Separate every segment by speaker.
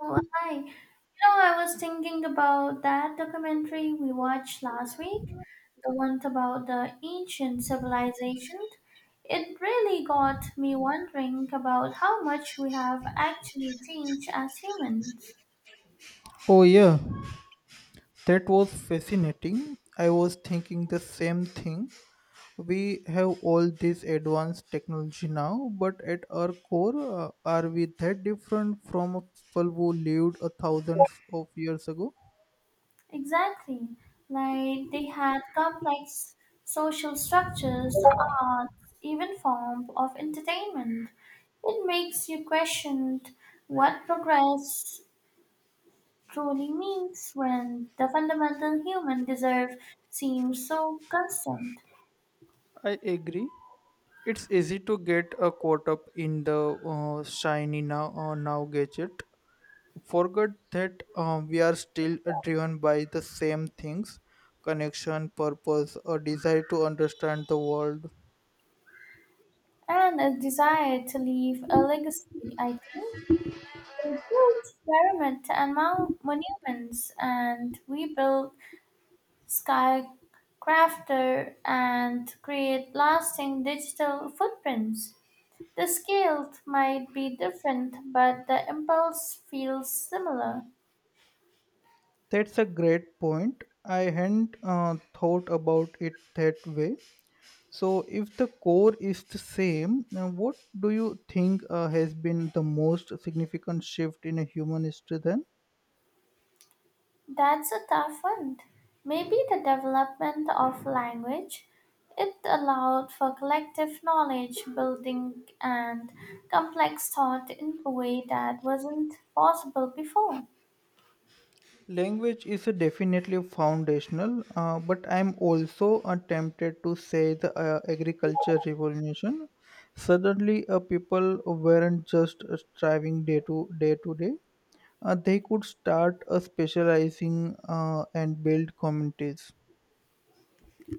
Speaker 1: Oh, hi. You know, I was thinking about that documentary we watched last week, the one about the ancient civilization. It really got me wondering about how much we have actually changed as humans.
Speaker 2: Oh, yeah, that was fascinating. I was thinking the same thing. We have all this advanced technology now, but at our core, are we that different from people who lived a thousands of years ago?
Speaker 1: Exactly. Like they had complex social structures, arts, even form of entertainment. It makes you question what progress truly means when the fundamental human desire seems so constant.
Speaker 2: I agree. It's easy to get caught up in the shiny now now gadget. Forget that we are still driven by the same things: connection, purpose, a desire to understand the world.
Speaker 1: And a desire to leave a legacy, I think. They built pyramids and monuments, and we build skyscraper and create lasting digital footprints. The scale might be different, but the impulse feels similar.
Speaker 2: That's a great point. I hadn't thought about it that way. So, if the core is the same, what do you think has been the most significant shift in a human history then?
Speaker 1: That's a tough one. Maybe the development of language. It allowed for collective knowledge building and complex thought in a way that wasn't possible before.
Speaker 2: Language is definitely foundational, but I'm also tempted to say the agriculture revolution. Suddenly, people weren't just striving day to day to day. They could start specializing and build communities.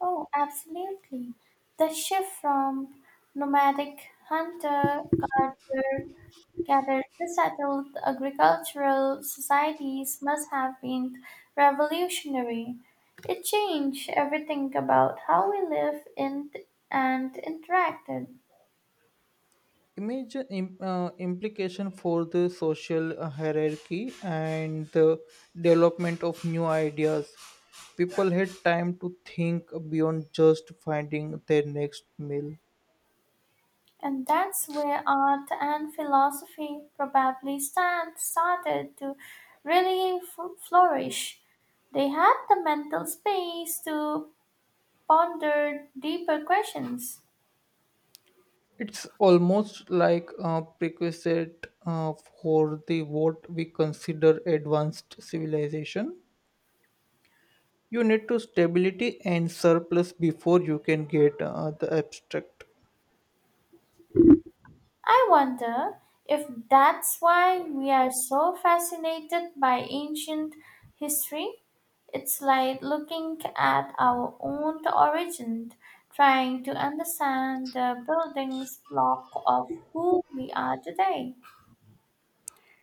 Speaker 1: Oh, absolutely. The shift from nomadic hunter gatherer Gathered pre-settled agricultural societies must have been revolutionary. It changed everything about how we lived in and interacted.
Speaker 2: Implication for the social hierarchy and the development of new ideas. People had time to think beyond just finding their next meal.
Speaker 1: And that's where art and philosophy probably stand, started to really flourish. They had the mental space to ponder deeper questions.
Speaker 2: It's almost like a prerequisite for the what we consider advanced civilization. You need to stability and surplus before you can get the abstract.
Speaker 1: I wonder if that's why we are so fascinated by ancient history. It's like looking at our own origin, trying to understand the building block of who we are today,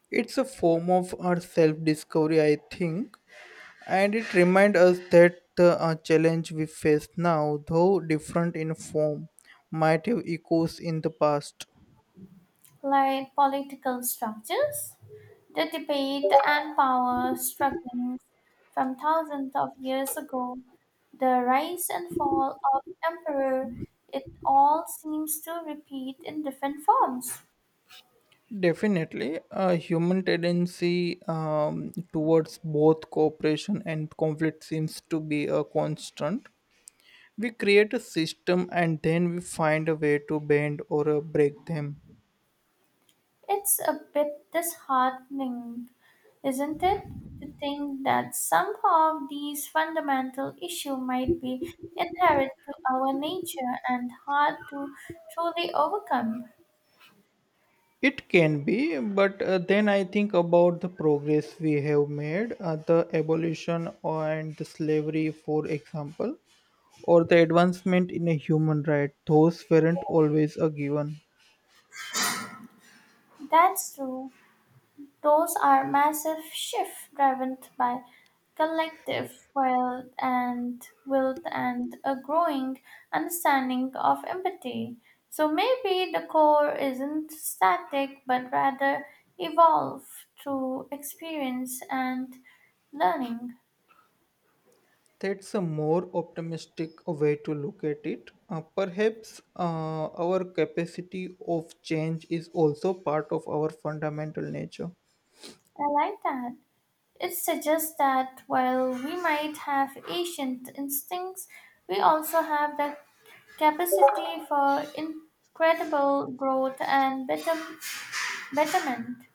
Speaker 2: It's a form of our self discovery, I think. And it reminds us that the challenge we face now, though different in form, might have echoes in the past.
Speaker 1: like political structures. The debate and power struggles from thousands of years ago, the rise and fall of emperor, it all seems to repeat in different forms.
Speaker 2: Definitely, a human tendency towards both cooperation and conflict seems to be a constant. We create a system and then we find a way to bend or break them.
Speaker 1: It's a bit disheartening, isn't it, to think that somehow these fundamental issues might be inherent to our nature and hard to truly overcome.
Speaker 2: It can be, but then I think about the progress we have made, the abolition and slavery, for example, or the advancement in a human right. Those weren't always a given.
Speaker 1: That's true. Those are massive shifts driven by collective will and a growing understanding of empathy. So maybe the core isn't static but rather evolve through experience and learning.
Speaker 2: That's a more optimistic way to look at it. Perhaps our capacity of change is also part of our fundamental nature.
Speaker 1: I like that. It suggests that while we might have ancient instincts, we also have the capacity for incredible growth and better Betterment,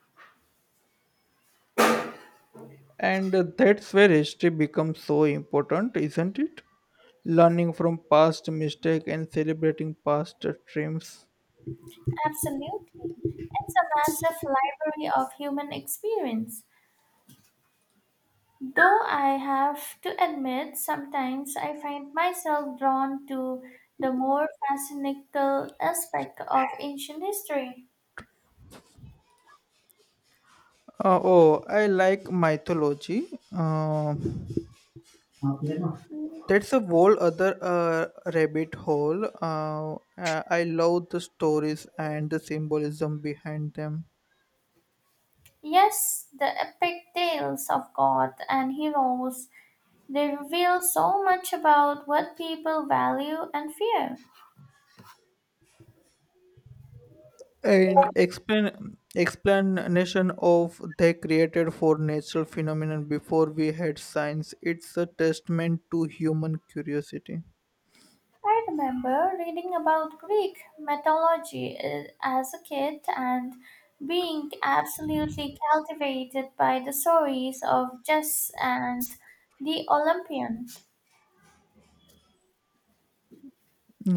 Speaker 2: And that's where history becomes so important, isn't it? Learning from past mistakes and celebrating past triumphs.
Speaker 1: absolute, it's a massive library of human experience. Though I have to admit, sometimes I find myself drawn to the more fascinating aspect of ancient history.
Speaker 2: Oh, I like mythology. Uh, that's a whole other rabbit hole. I love the stories and the symbolism behind them.
Speaker 1: Yes, the epic tales of gods and heroes, they reveal so much about what people value and fear.
Speaker 2: And explain explanation of they created for natural phenomenon before we had science, it's a testament to human curiosity.
Speaker 1: I remember reading about Greek mythology as a kid and being absolutely captivated by the stories of Zeus and the Olympian.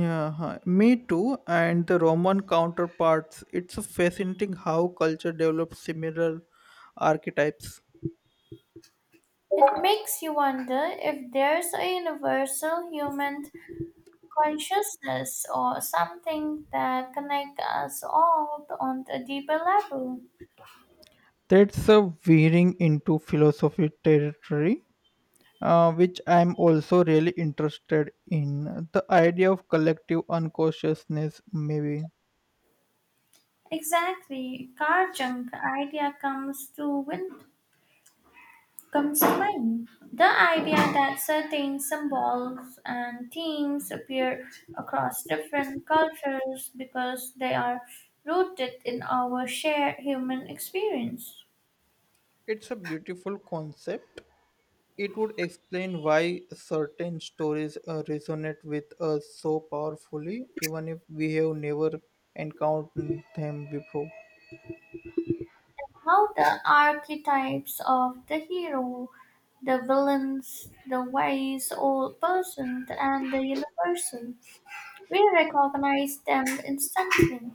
Speaker 2: Yeah, huh, me too, and the Roman counterparts. It's fascinating how culture develops similar archetypes.
Speaker 1: It makes you wonder if there's a universal human consciousness or something that connects us all on a deeper level.
Speaker 2: That's a veering into philosophy territory, which I'm also really interested in the idea of collective unconsciousness maybe.
Speaker 1: Exactly, Karjang idea comes to mind. The idea that certain symbols and themes appear across different cultures because they are rooted in our shared human experience.
Speaker 2: It's a beautiful concept. It would explain why certain stories resonate with us so powerfully, even if we have never encountered them before.
Speaker 1: How the archetypes of the hero, the villains, the wise old person, and the universal, we recognize them instantly.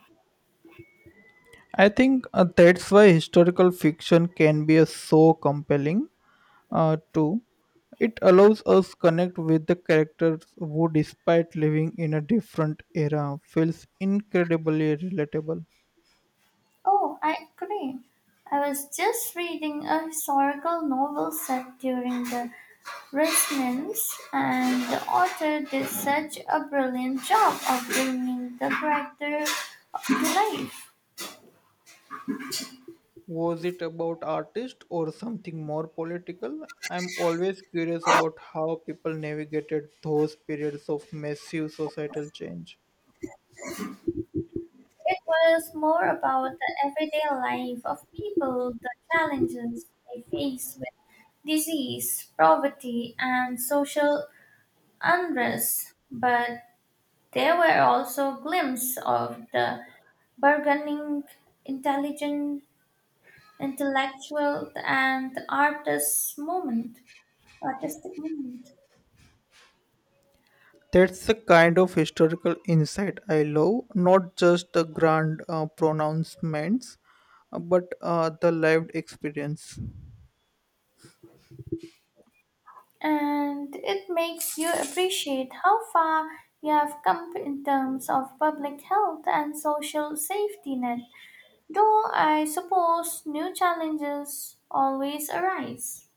Speaker 2: I think that's why historical fiction can be so compelling, too. It allows us connect with the characters who, despite living in a different era, feels incredibly relatable.
Speaker 1: Oh, I agree. I was just reading a historical novel set during the resonance, and the author did such a brilliant job of bringing the character to life.
Speaker 2: Was it about artists or something more political? I'm always curious about how people navigated those periods of massive societal change.
Speaker 1: It was more about the everyday life of people, the challenges they face with disease, poverty, and social unrest, but there were also glimpses of the bargaining, intelligent, intellectual, and artistic moment.
Speaker 2: That's the kind of historical insight I love, not just the grand pronouncements, but the lived experience.
Speaker 1: And it makes you appreciate how far you have come in terms of public health and social safety net, though I suppose new challenges always arise.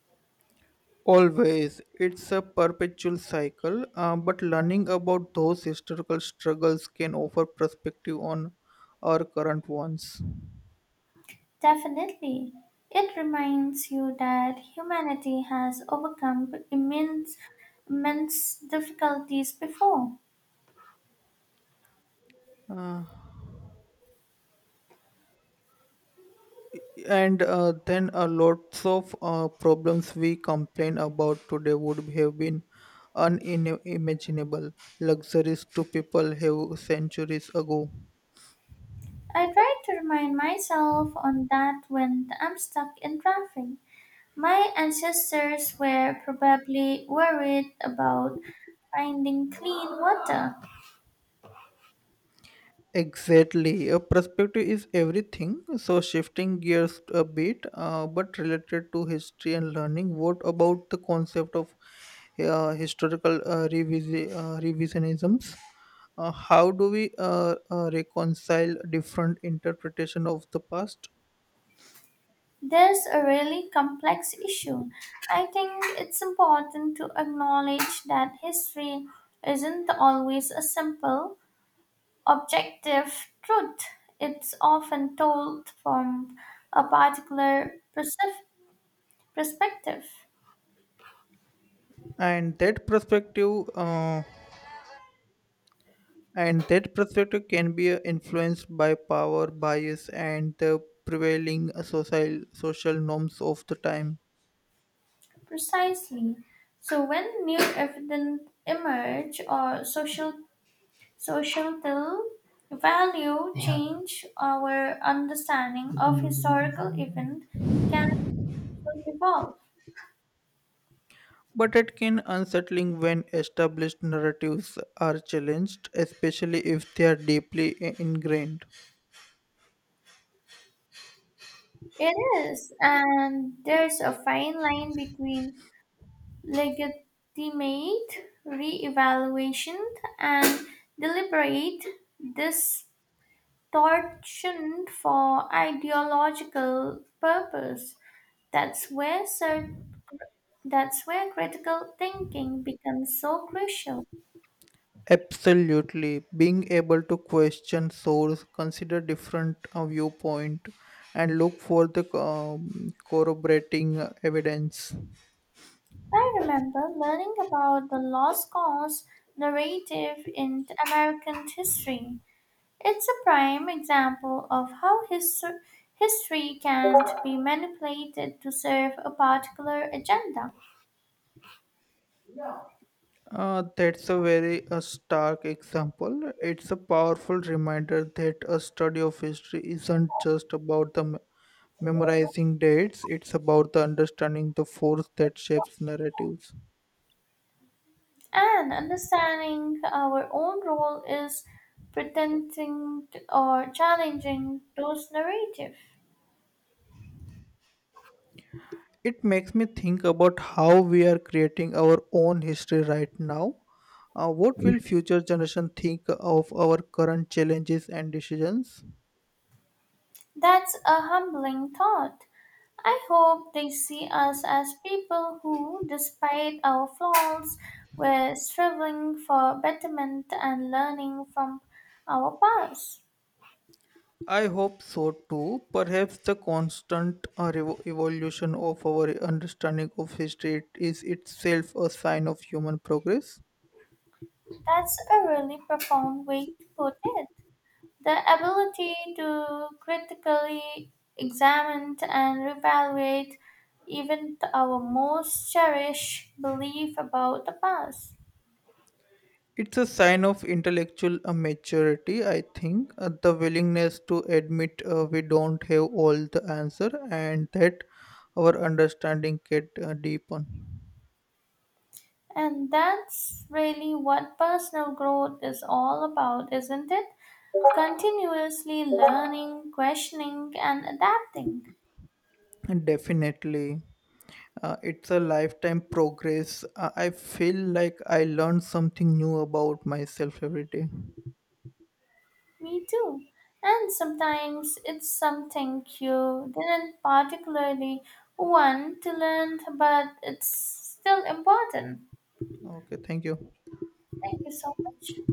Speaker 2: Always, it's a perpetual cycle, but learning about those historical struggles can offer perspective on our current ones.
Speaker 1: Definitely. It reminds you that humanity has overcome immense difficulties before.
Speaker 2: Uh, and then a lots of problems we complain about today would have been unimaginable luxuries to people have centuries ago.
Speaker 1: I try to remind myself on that when I'm stuck in traffic. My ancestors were probably worried about finding clean water.
Speaker 2: Exactly, a perspective is everything. So shifting gears a bit, but related to history and learning, what about the concept of historical revisionisms? How do we reconcile different interpretation of the past?
Speaker 1: There's a really complex issue. I think it's important to acknowledge that history isn't always a simple, objective truth. It's often told from a perspective.
Speaker 2: And that perspective uh, and that perspective can be influenced by power bias and the prevailing social norms of the time.
Speaker 1: Precisely. So when new evidence emerge or social Social though value Yeah. change our understanding of historical event can evolve.
Speaker 2: But it can unsettling when established narratives are challenged, especially if they are deeply ingrained.
Speaker 1: It is, and there's a fine line between legitimate re-evaluation and deliberate distortion for ideological purpose. That's where cer- that's where critical thinking becomes so crucial.
Speaker 2: Absolutely, being able to question source, consider different viewpoint, and look for the corroborating evidence.
Speaker 1: I remember learning about the lost cause narrative in American history. It's a prime example of how history can be manipulated to serve a particular agenda.
Speaker 2: That's a very stark example. It's a powerful reminder that a study of history isn't just about the memorizing dates, it's about the understanding the force that shapes narratives.
Speaker 1: And understanding our own role is pretending or challenging those narratives.
Speaker 2: It makes me think about how we are creating our own history right now. What will future generation think of our current challenges and decisions?
Speaker 1: That's a humbling thought. I hope they see us as people who, despite our flaws, were striving for betterment and learning from our past.
Speaker 2: I hope so too. Perhaps the constant evolution of our understanding of history is itself a sign of human progress.
Speaker 1: That's a really profound way to put it. The ability to critically examine and reevaluate even our most cherished belief about the past.
Speaker 2: It's a sign of intellectual maturity, I think, the willingness to admit we don't have all the answer and that our understanding can deepen.
Speaker 1: And that's really what personal growth is all about, isn't it? Continuously learning, questioning, and adapting.
Speaker 2: And definitely. It's a lifetime progress. I feel like I learn something new about myself every day.
Speaker 1: Me too. And sometimes it's something you didn't particularly want to learn, but it's still important.
Speaker 2: Okay, thank you.
Speaker 1: Thank you so much.